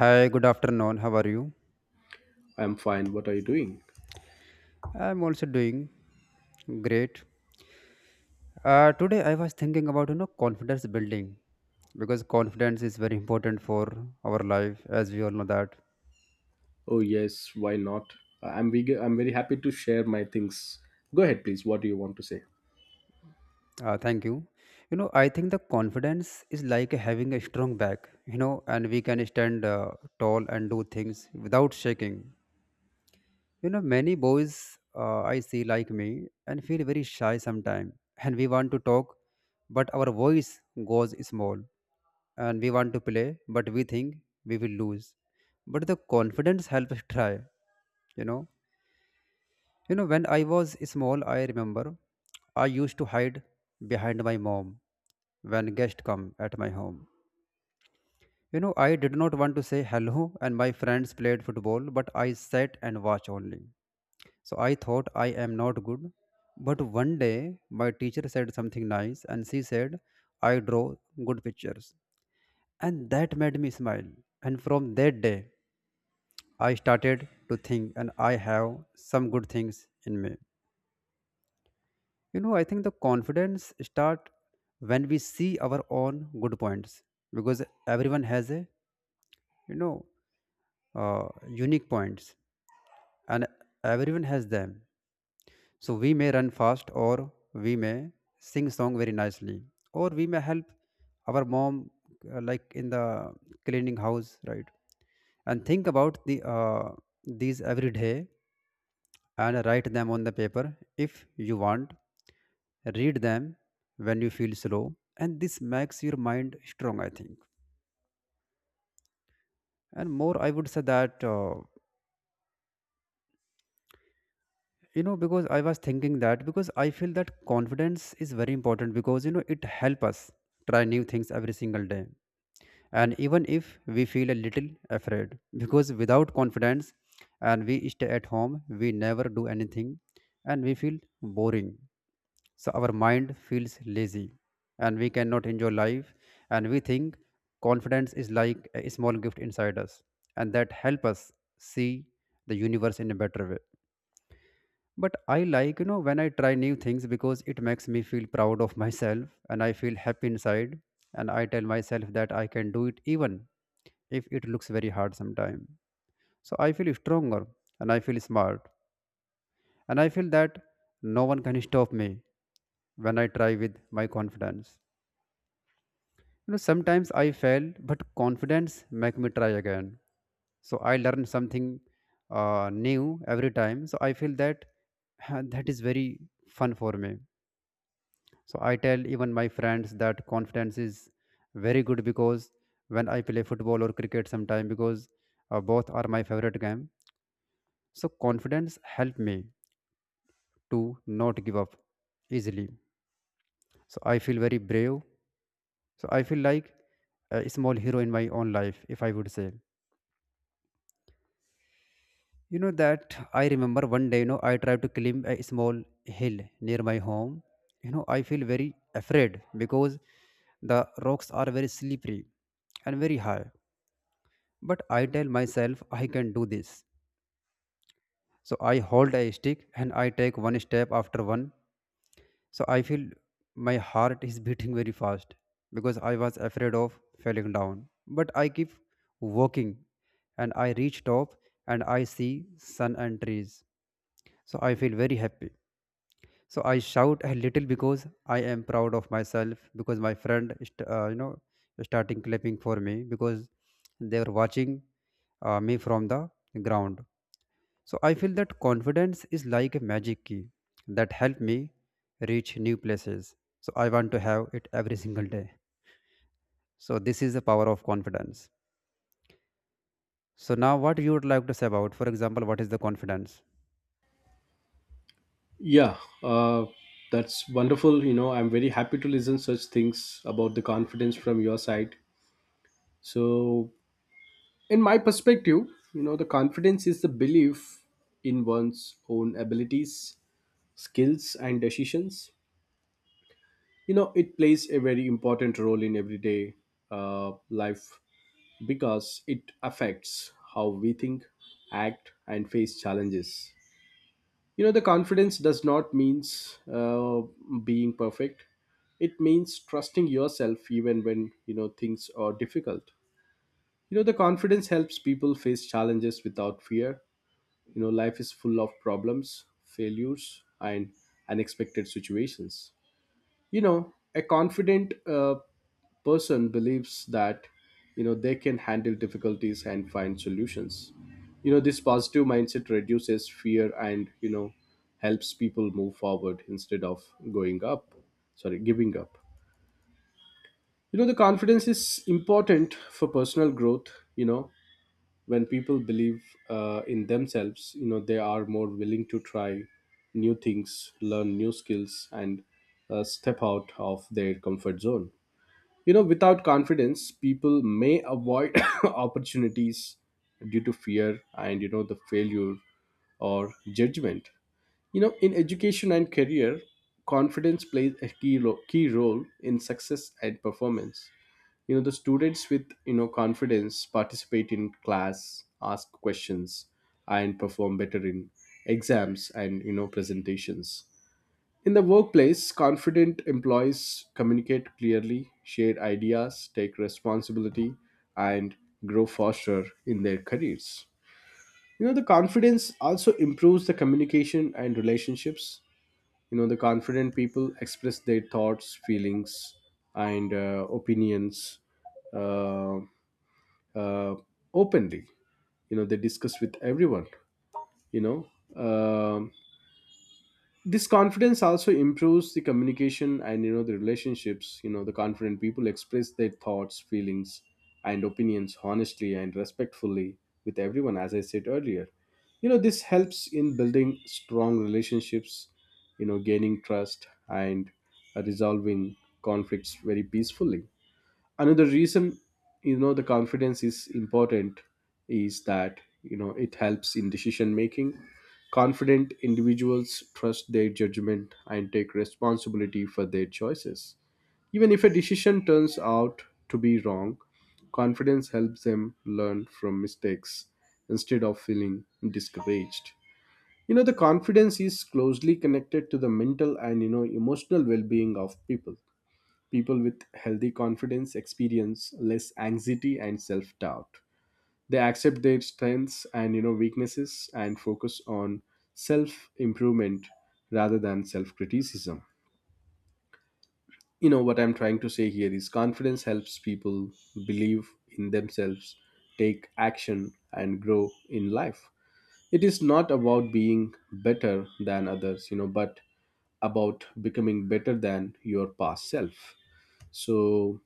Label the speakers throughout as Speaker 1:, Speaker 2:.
Speaker 1: Hi, good afternoon. How are you?
Speaker 2: I'm fine. What are you doing?
Speaker 1: I'm also doing great. Today I was thinking about you know confidence building because confidence is very important for our life, as we all know that.
Speaker 2: Oh, yes, why not? I'm very happy to share my things. Go ahead, please. What do you want to say?
Speaker 1: Thank you. You know, I think the confidence is like having a strong back. You know, and we can stand tall and do things without shaking. You know, many boys I see like me and feel very shy sometimes, and we want to talk, but our voice goes small, and we want to play, but we think we will lose. But the confidence helps us try. You know, when I was small, I remember I used to hide behind my mom when guests come at my home. You know, I did not want to say hello, and my friends played football, but I sat and watched only. So I thought I am not good. But one day my teacher said something nice and she said, I draw good pictures. And that made me smile. And from that day, I started to think and I have some good things in me. You know, I think the confidence start when we see our own good points because everyone has a, you know, unique points and everyone has them. So we may run fast or we may sing song very nicely or we may help our mom like in the cleaning house, right? And think about these every day and write them on the paper if you want. Read them when you feel slow and this makes your mind strong, I think. And more, I would say that. Because I was thinking that because I feel that confidence is very important because you know it help us try new things every single day and even if we feel a little afraid because without confidence and we stay at home we never do anything and we feel boring so our mind feels lazy and we cannot enjoy life and we think confidence is like a small gift inside us and that help us see the universe in a better way but I like you know when I try new things because it makes me feel proud of myself and I feel happy inside and I tell myself that I can do it even if it looks very hard sometime so I feel stronger and I feel smart and I feel that no one can stop me when I try with my confidence you know sometimes I fail but confidence make me try again so I learn something new every time so I feel that that is very fun for me. So I tell even my friends that confidence is very good because when I play football or cricket sometime because both are my favorite game. So confidence help me to not give up easily. So I feel very brave. So I feel like a small hero in my own life, if I would say. You know that I remember one day, you know, I tried to climb a small hill near my home. You know, I feel very afraid because the rocks are very slippery and very high. But I tell myself I can do this. So I hold a stick and I take one step after one. So I feel my heart is beating very fast because I was afraid of falling down. But I keep walking and I reach top and I see sun and trees. So I feel very happy. So I shout a little because I am proud of myself because my friend, starting clapping for me because they were watching me from the ground. So I feel that confidence is like a magic key that helped me reach new places. So I want to have it every single day. So this is the power of confidence. So now what you would like to say about, for example, what is the confidence?
Speaker 2: Yeah, uh, that's wonderful. You know, I'm very happy to listen such things about the confidence from your side. So, in my perspective, you know, the confidence is the belief in one's own abilities, skills, and decisions. You know, it plays a very important role in everyday life because it affects how we think, act, and face challenges. You know, the confidence does not means being perfect. It means trusting yourself even when you know things are difficult. You know, the confidence helps people face challenges without fear. You know, life is full of problems, failures, and unexpected situations. You know, a confident person believes that, you know, they can handle difficulties and find solutions. You know, this positive mindset reduces fear and, you know, helps people move forward instead of going up sorry giving up. You know, the confidence is important for personal growth. You know, when people believe in themselves, you know, they are more willing to try new things, learn new skills, and step out of their comfort zone. You know, without confidence, people may avoid opportunities due to fear and, you know, the failure or judgment. You know, in education and career, confidence plays a key role in success and performance. You know, the students with, you know, confidence participate in class, ask questions, and perform better in exams and, you know, presentations. In the workplace, confident employees communicate clearly, share ideas, take responsibility, and grow faster in their careers. You know, the confidence also improves the communication and relationships. You know, the confident people express their thoughts, feelings, and opinions uh, uh, openly. You know, they discuss with everyone. You know, Um this confidence also improves the communication and, you know, the relationships. You know, the confident people express their thoughts, feelings and opinions honestly and respectfully with everyone, as I said earlier. You know, this helps in building strong relationships, you know, gaining trust and resolving conflicts very peacefully. Another reason, you know, the confidence is important is that, you know, it helps in decision making. Confident individuals trust their judgment and take responsibility for their choices. Even if a decision turns out to be wrong, confidence helps them learn from mistakes instead of feeling discouraged. You know, the confidence is closely connected to the mental and, you know, emotional well-being of people. People with healthy confidence experience less anxiety and self-doubt. They accept their strengths and, you know, weaknesses, and focus on self-improvement rather than self-criticism. You know what I'm trying to say here is confidence helps people believe in themselves, take action and grow in life. It is not about being better than others, you know, but about becoming better than your past self. So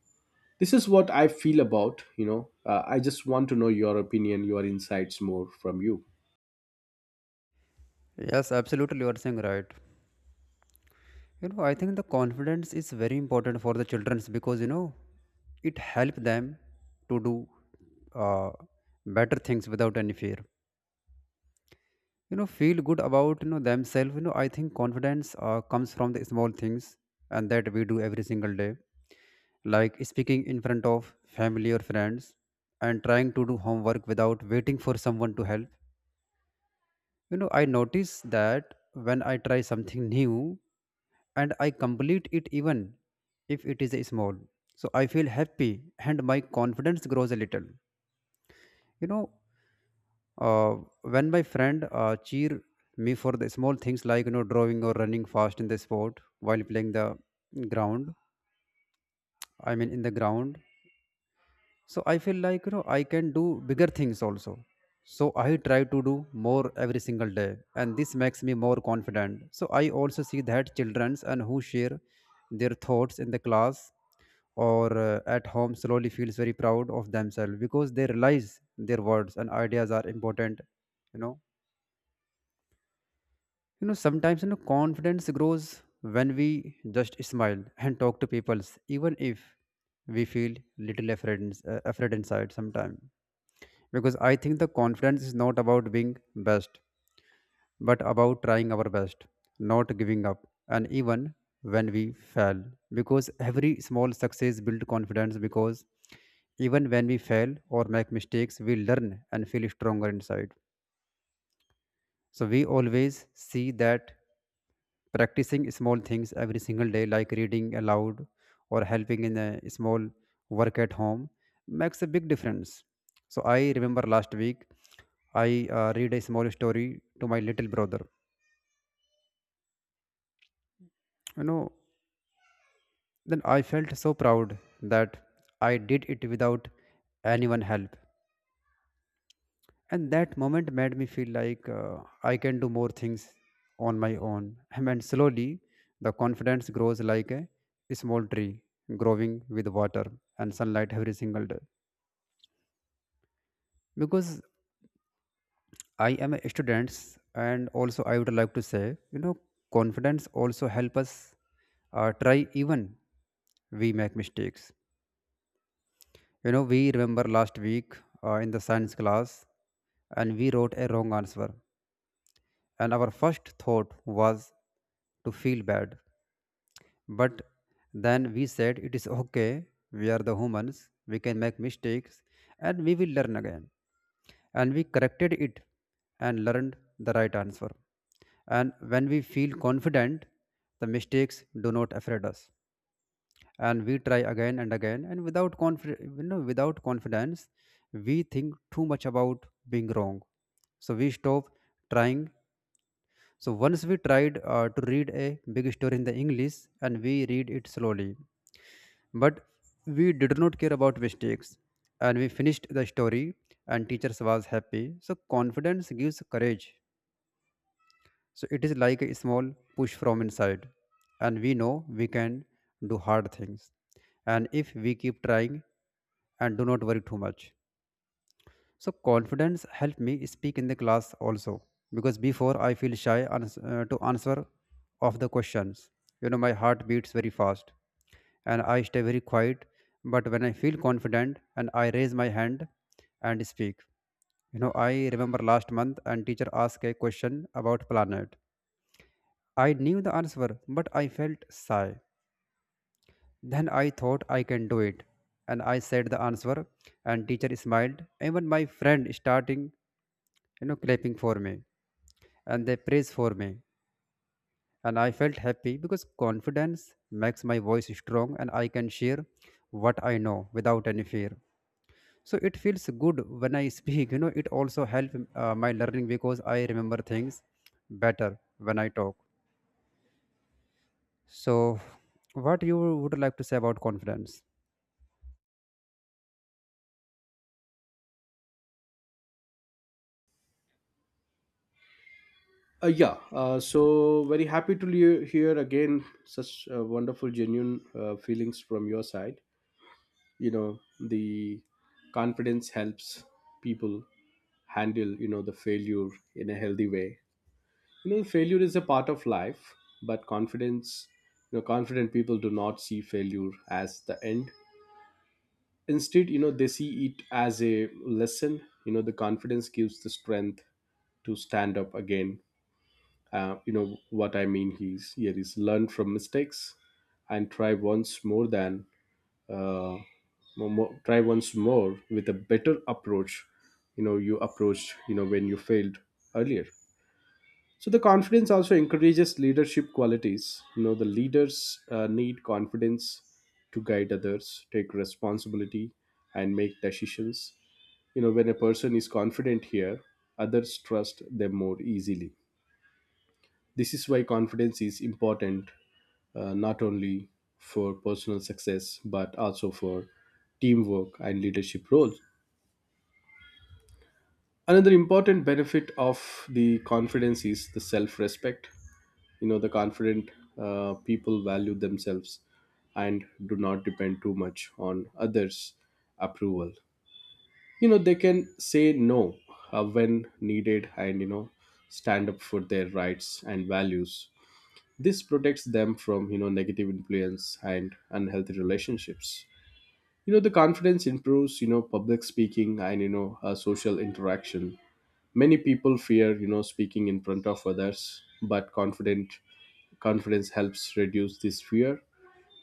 Speaker 2: this is what I feel about. You know, I just want to know your opinion, your insights more from you.
Speaker 1: Yes, absolutely you are saying right. You know, I think the confidence is very important for the childrens because you know it helps them to do uh, better things without any fear. You know feel good about you know themselves. You know I think confidence comes from the small things and that we do every single day like speaking in front of family or friends and trying to do homework without waiting for someone to help. You know I notice that when I try something new and I complete it even if it is a small so I feel happy and my confidence grows a little. you know uh, when my friend cheer me for the small things like you know drawing or running fast in the sport while playing the ground, I mean in the ground, so I feel like you know I can do bigger things also. So I try to do more every single day and this makes me more confident. So I also see that childrens and who share their thoughts in the class or at home slowly feels very proud of themselves because they realize their words and ideas are important, you know. You know, sometimes you know confidence grows when we just smile and talk to people, even if we feel little afraid, afraid inside sometimes. Because I think the confidence is not about being best, but about trying our best, not giving up, and even when we fail. Because every small success builds confidence. Because even when we fail or make mistakes, we learn and feel stronger inside. So we always see that practicing small things every single day, like reading aloud or helping in a small work at home, makes a big difference. So I remember last week, I read a small story to my little brother. You know, then I felt so proud that I did it without anyone help, and that moment made me feel like I can do more things on my own and slowly the confidence grows like a small tree growing with water and sunlight every single day. Because I am a student and also I would like to say, you know, confidence also help us try even we make mistakes. You know we remember last week in the science class and we wrote a wrong answer and our first thought was to feel bad. But then we said, it is okay, we are the humans, we can make mistakes, and we will learn again. And we corrected it and learned the right answer. And when we feel confident, the mistakes do not afraid us. And we try again and again. And without confidence, we think too much about being wrong. So we stop trying. So once we tried to read a big story in the English and we read it slowly, but we did not care about mistakes and we finished the story and teachers was happy. So confidence gives courage. So it is like a small push from inside and we know we can do hard things. And if we keep trying and do not worry too much. So confidence helped me speak in the class also because before I feel shy to answer of the questions. You know, my heart beats very fast and I stay very quiet. But when I feel confident and I raise my hand and speak, you know, I remember last month and teacher asked a question about planet. I knew the answer, but I felt shy. Then I thought I can do it, and I said the answer, and teacher smiled. Even my friend starting you know clapping for me and they praise for me and I felt happy because confidence makes my voice strong and I can share what I know without any fear. So it feels good when I speak. You know it also helps my learning because I remember things better when I talk. So what you would like to say about confidence?
Speaker 2: Yeah so very happy to hear again such wonderful genuine feelings from your side. You know, the confidence helps people handle, you know, the failure in a healthy way. You know, failure is a part of life, but confidence, you know, confident people do not see failure as the end. Instead, you know, they see it as a lesson. You know, the confidence gives the strength to stand up again. You know what I mean is here is learn from mistakes and try once more than uh, try once more with a better approach, you know, you approached, you know, when you failed earlier. So the confidence also encourages leadership qualities. You know, the leaders need confidence to guide others, take responsibility, and make decisions. You know, when a person is confident here, others trust them more easily. This is why confidence is important, not only for personal success but also for teamwork and leadership roles. Another important benefit of the confidence is the self respect. You know, the confident people value themselves and do not depend too much on others' approval. You know, they can say no when needed and, you know, stand up for their rights and values. This protects them from, you know, negative influence and unhealthy relationships. You know, the confidence improves, you know, public speaking and, you know, social interaction. Many people fear, you know, speaking in front of others, but confident confidence helps reduce this fear.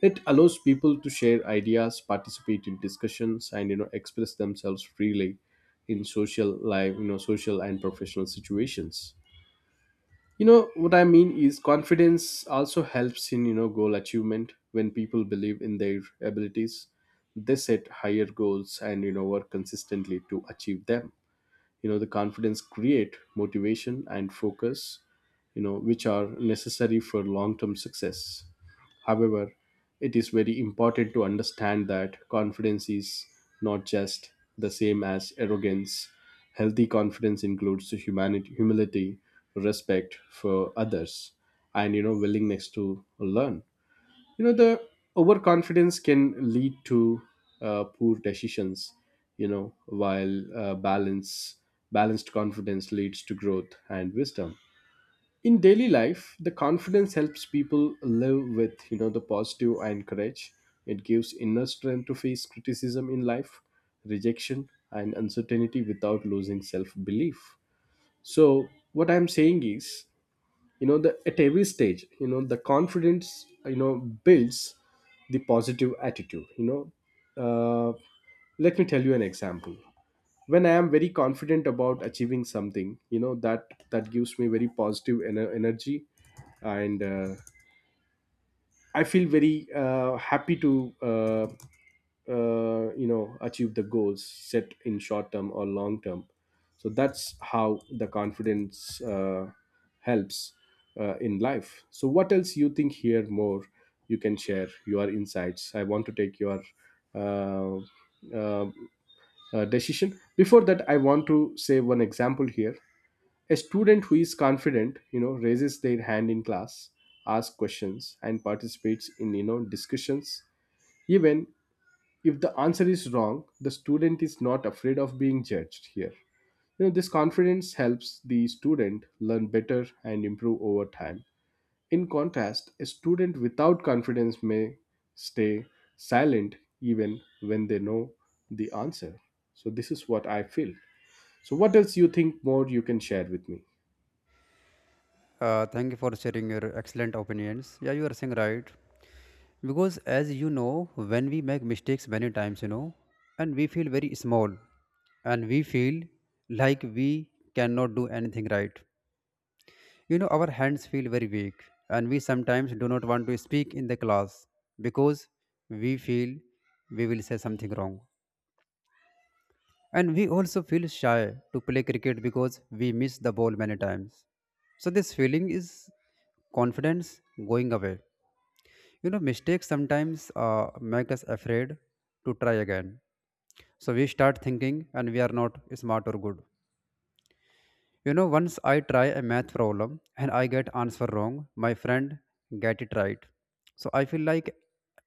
Speaker 2: It allows people to share ideas, participate in discussions, and, you know, express themselves freely in social life, you know, social and professional situations. You know what I mean is confidence also helps in, you know, goal achievement. When people believe in their abilities, they set higher goals and, you know, work consistently to achieve them. You know, the confidence create motivation and focus, you know, which are necessary for long-term success. However, it is very important to understand that confidence is not just the same as arrogance. Healthy confidence includes humanity, humility, respect for others, and, you know, willingness to learn. You know, the overconfidence can lead to poor decisions. You know, while balanced confidence leads to growth and wisdom. In daily life, the confidence helps people live with, you know, the positive and courage. It gives inner strength to face criticism in life, rejection and uncertainty without losing self-belief. So what I'm saying is, you know, the at every stage, you know, the confidence, you know, builds the positive attitude. You know, uh, let me tell you an example. When I am very confident about achieving something, you know, that that gives me very positive energy, and I feel very happy to you know, achieve the goals set in short term or long term. So that's how the confidence helps in life. So what else you think here more? You can share your insights. I want to take your uh, uh, decision. Before that, I want to say one example here. A student who is confident, you know, raises their hand in class, asks questions and participates in, you know, discussions. Even if the answer is wrong, the student is not afraid of being judged here. You know, this confidence helps the student learn better and improve over time. In contrast, a student without confidence may stay silent even when they know the answer. So this is what I feel. So, what else you think more? You can share with me.
Speaker 1: Thank you for sharing your excellent opinions. Yeah, you are saying right. Because as you know, when we make mistakes many times, you know, and we feel very small and we feel like we cannot do anything right. You know, our hands feel very weak and we sometimes do not want to speak in the class because we feel we will say something wrong. And we also feel shy to play cricket because we miss the ball many times. So this feeling is confidence going away. You know, mistakes sometimes make us afraid to try again. So we start thinking and we are not smart or good. You know, once I try a math problem and I get answer wrong, my friend get it right. So I feel like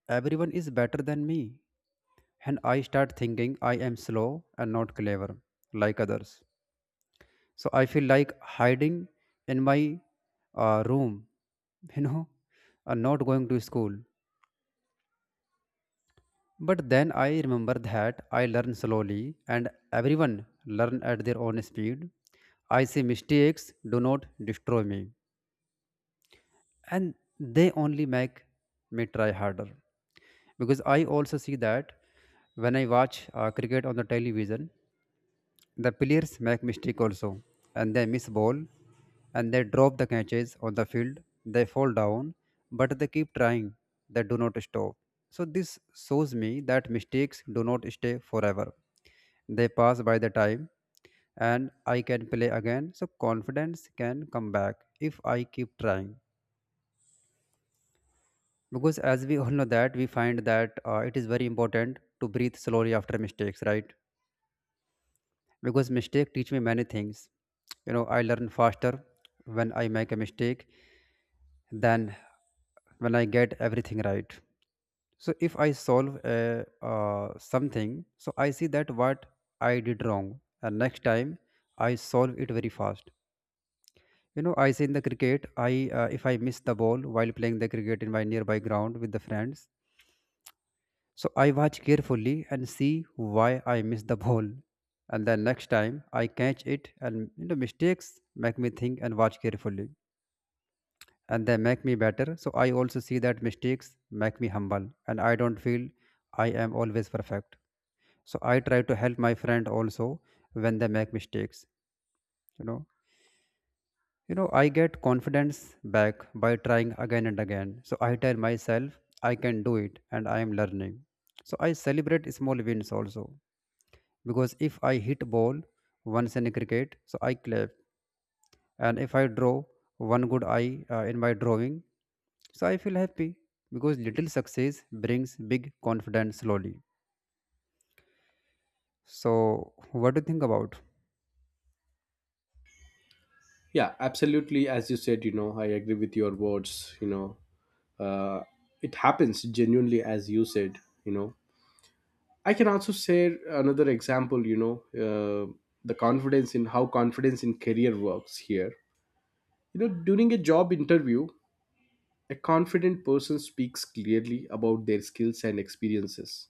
Speaker 1: everyone is better than me. And I start thinking I am slow and not clever like others. So I feel like hiding in my room, you know, and not going to school. But then I remember that I learn slowly and everyone learn at their own speed. I say mistakes do not destroy me and they only make me try harder. Because I also see that when I watch cricket on the television, the players make mistake also, and they miss ball, and they drop the catches on the field. They fall down, but they keep trying. They do not stop. So this shows me that mistakes do not stay forever. They pass by the time, and I can play again. So confidence can come back if I keep trying. Because as we all know that we find that it is very important to breathe slowly after mistakes, right? Because mistake teach me many things, you know, I learn faster when I make a mistake than when I get everything right. So if I solve a, something, so I see that what I did wrong and next time I solve it very fast. You know, I see in the cricket, I if I miss the ball while playing the cricket in my nearby ground with the friends, so I watch carefully and see why I miss the ball. And then next time I catch it, and you know, mistakes make me think and watch carefully. And they make me better. So I also see that mistakes make me humble and I don't feel I am always perfect. So I try to help my friend also when they make mistakes. You know. You know, I get confidence back by trying again and again. So I tell myself I can do it and I am learning. So I celebrate small wins also because if I hit ball once in a cricket, so I clap, and if I draw one good eye in my drawing, so I feel happy because little success brings big confidence slowly. So what do you think about?
Speaker 2: Yeah, absolutely. As you said, you know, I agree with your words. You know, uh, it happens genuinely, as you said. You know, I can also share another example. You know, uh, the confidence in how confidence in career works here. You know, during a job interview, a confident person speaks clearly about their skills and experiences.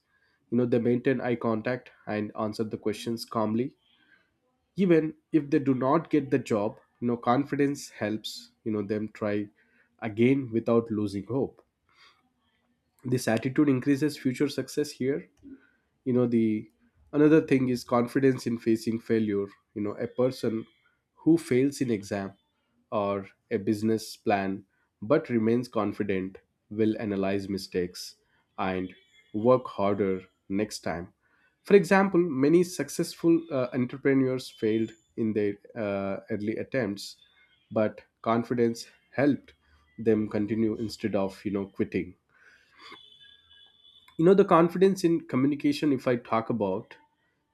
Speaker 2: You know, they maintain eye contact and answer the questions calmly even if they do not get the job. You know, confidence helps, you know, them try again without losing hope. This attitude increases future success here. You know the Another thing is confidence in facing failure. You know, a person who fails in exam or a business plan but remains confident will analyze mistakes and work harder next time. For example, many successful entrepreneurs failed in their early attempts, but confidence helped them continue instead of, you know, quitting. You know, the confidence in communication, if I talk about,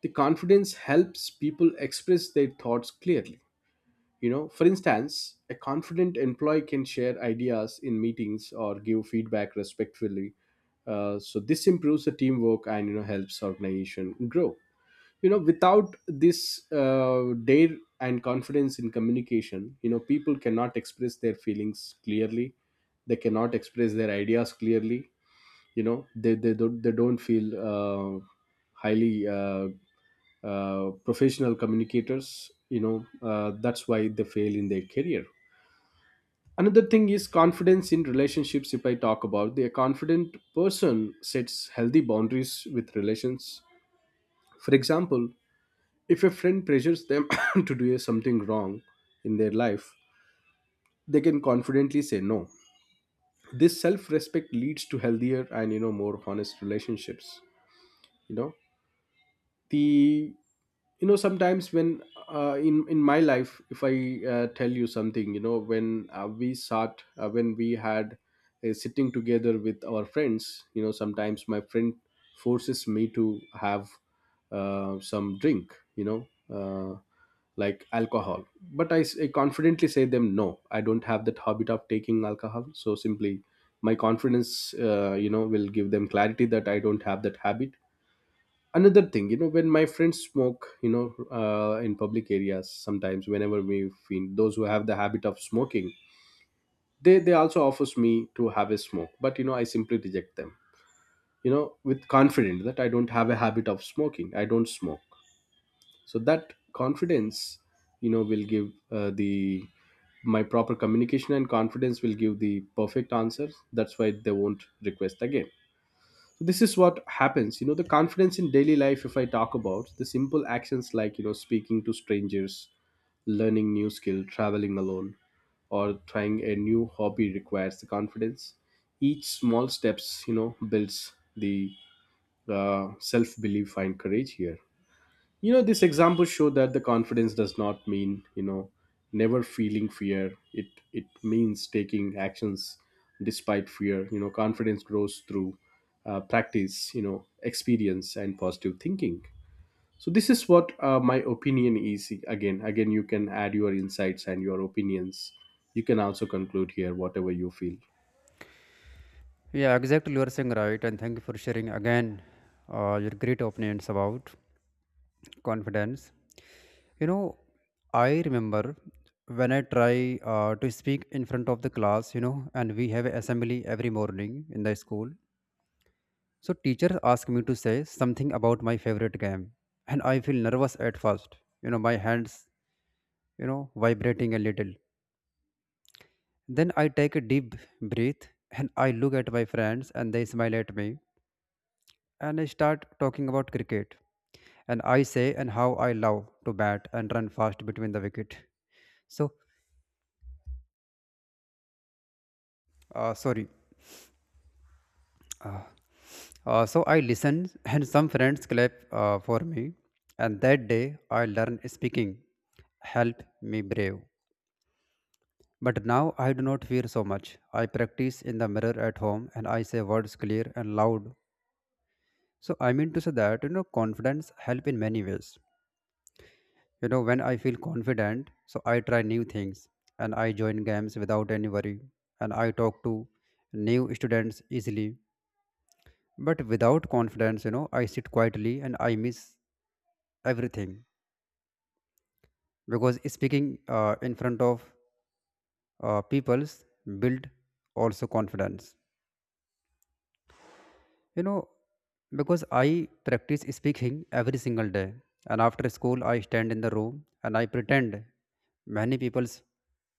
Speaker 2: the confidence helps people express their thoughts clearly. You know, for instance, a confident employee can share ideas in meetings or give feedback respectfully. So this improves the teamwork and, you know, helps organization grow. You know, without this dare and confidence in communication, you know, people cannot express their feelings clearly. They cannot express their ideas clearly. You know, they don't feel highly professional communicators, you know. That's why they fail in their career. Another thing is confidence in relationships, if I talk about. The confident person sets healthy boundaries with relations. For example, if a friend pressures them to do something wrong in their life, they can confidently say no. This self-respect leads to healthier and, you know, more honest relationships. You know, the you know, sometimes when in my life, if I tell you something, you know, when we sat when we had a sitting together with our friends, you know, sometimes my friend forces me to have some drink, you know, uh, like alcohol. But I confidently say them no, I don't have that habit of taking alcohol. So simply my confidence, you know, will give them clarity that I don't have that habit. Another thing, you know, when my friends smoke, you know, in public areas, sometimes whenever we find those who have the habit of smoking, they also offers me to have a smoke, but, you know, I simply reject them, you know, with confidence that I don't have a habit of smoking, I don't smoke. So that confidence, you know, will give the my proper communication, and confidence will give the perfect answer. That's why they won't request again. So this is what happens. You know, the confidence in daily life, if I talk about, the simple actions like, you know, speaking to strangers, learning new skill, traveling alone, or trying a new hobby requires the confidence. Each small steps, you know, builds the self belief and courage here. You know, this example show that the confidence does not mean, you know, never feeling fear. It means taking actions despite fear. You know, confidence grows through practice, you know, experience and positive thinking. So this is what my opinion is. Again, again, you can add your insights and your opinions. You can also conclude here whatever you feel.
Speaker 1: Yeah, exactly, you are saying right, and thank you for sharing again your great opinions about confidence. You know, I remember when I try to speak in front of the class, you know, and we have assembly every morning in the school. So teacher asked me to say something about my favorite game, and I feel nervous at first. You know, my hands, you know, vibrating a little. Then I take a deep breath and I look at my friends and they smile at me and I start talking about cricket and I say and how I love to bat and run fast between the wicket. So sorry. Uh, so I listen and some friends clap for me, and that day I learn speaking help me brave. But now I do not fear so much. I practice in the mirror at home and I say words clear and loud. So I mean to say that, you know, confidence help in many ways. You know, when I feel confident, so I try new things and I join games without any worry and I talk to new students easily. But without confidence, you know, I sit quietly and I miss everything because speaking in front of peoples build also confidence. You know, because I practice speaking every single day, and after school, I stand in the room and I pretend many people's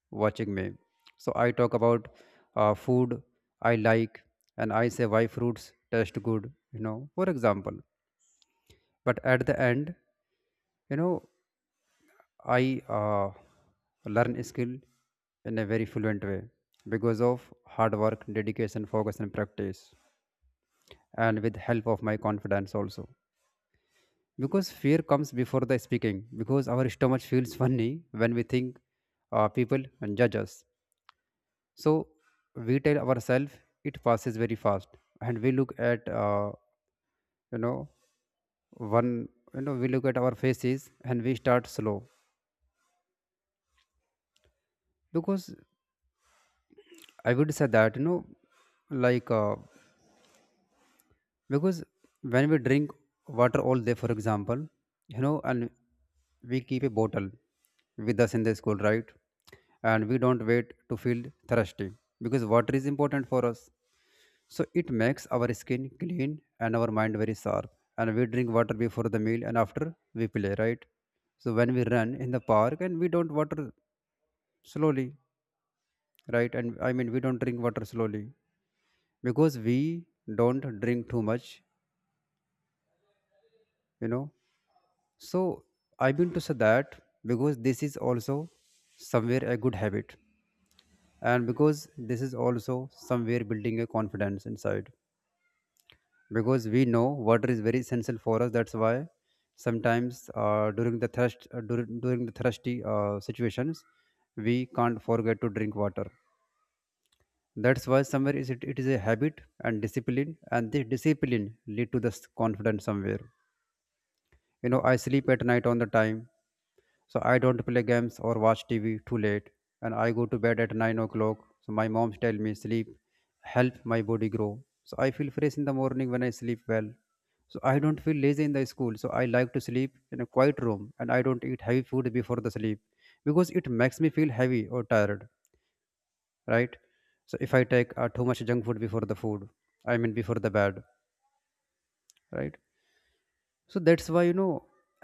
Speaker 1: watching me. So I talk about food I like, and I say why fruits taste good. You know, for example. But at the end, you know, I learn skill in a very fluent way because of hard work, dedication, focus, and practice, and with help of my confidence also. Because fear comes before the speaking because our stomach feels funny when we think people judge us. So we tell ourselves it passes very fast, and we look at you know one, you know, we look at our faces and we start slow. Because I would say that, you know, like because when we drink water all day, for example, you know, and we keep a bottle with us in the school, right, and we don't wait to feel thirsty because water is important for us. So it makes our skin clean and our mind very sharp, and we drink water before the meal and after we play, right? So when we run in the park and we don't water slowly, right, and I mean we don't drink water slowly because we don't drink too much, you know. So I mean to say that because this is also somewhere a good habit, and because this is also somewhere building a confidence inside. Because we know water is very essential for us. That's why sometimes during the thirst during the thirsty situations, we can't forget to drink water. That's why somewhere it is a habit and discipline, and this discipline lead to this confidence somewhere. You know, I sleep at night on the time. So I don't play games or watch TV too late, and I go to bed at 9 o'clock. So my mom tell me sleep help my body grow. So I feel fresh in the morning when I sleep well. So I don't feel lazy in the school. So I like to sleep in a quiet room, and I don't eat heavy food before the sleep because it makes me feel heavy or tired, right? So if I take too much junk food before the food, I mean before the bed, right? So that's why, you know,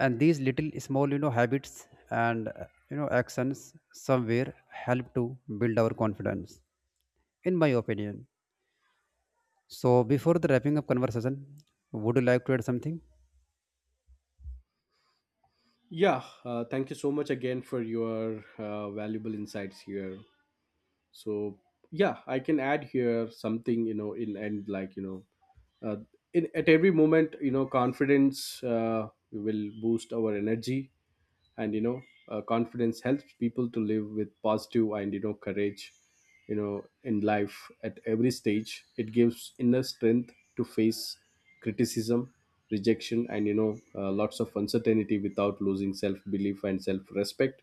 Speaker 1: and these little small, you know, habits and, you know, actions somewhere help to build our confidence, in my opinion. So before the wrapping up conversation, would you like to add something?
Speaker 2: Yeah Thank you so much again for your valuable insights here. So yeah, I can add here something. You know, in and like, you know, uh, in at every moment, you know, confidence will boost our energy and, you know, confidence helps people to live with positive and, you know, courage. You know, in life at every stage, it gives inner strength to face criticism, rejection and, you know, lots of uncertainty without losing self belief and self respect.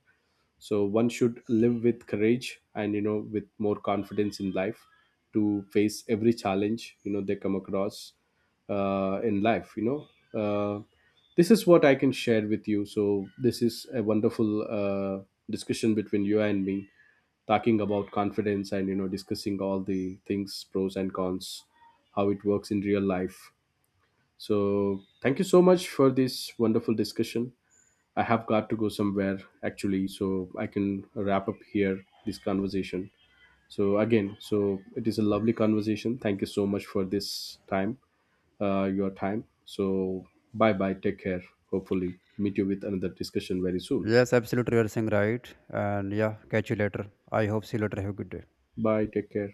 Speaker 2: So one should live with courage and, you know, with more confidence in life to face every challenge, you know, they come across in life, you know. uh, this is what I can share with you. So this is a wonderful discussion between you and me, talking about confidence and, you know, discussing all the things, pros and cons, how it works in real life. So thank you so much for this wonderful discussion. I have got to go somewhere actually, so I can wrap up here this conversation. So again, so it is a lovely conversation. Thank you so much for this time, your time. So bye bye. Take care. Hopefully, meet you with another discussion very soon.
Speaker 1: Yes, absolutely, you are saying right, and yeah, catch you later. I hope see you later. Have a good day.
Speaker 2: Bye. Take care.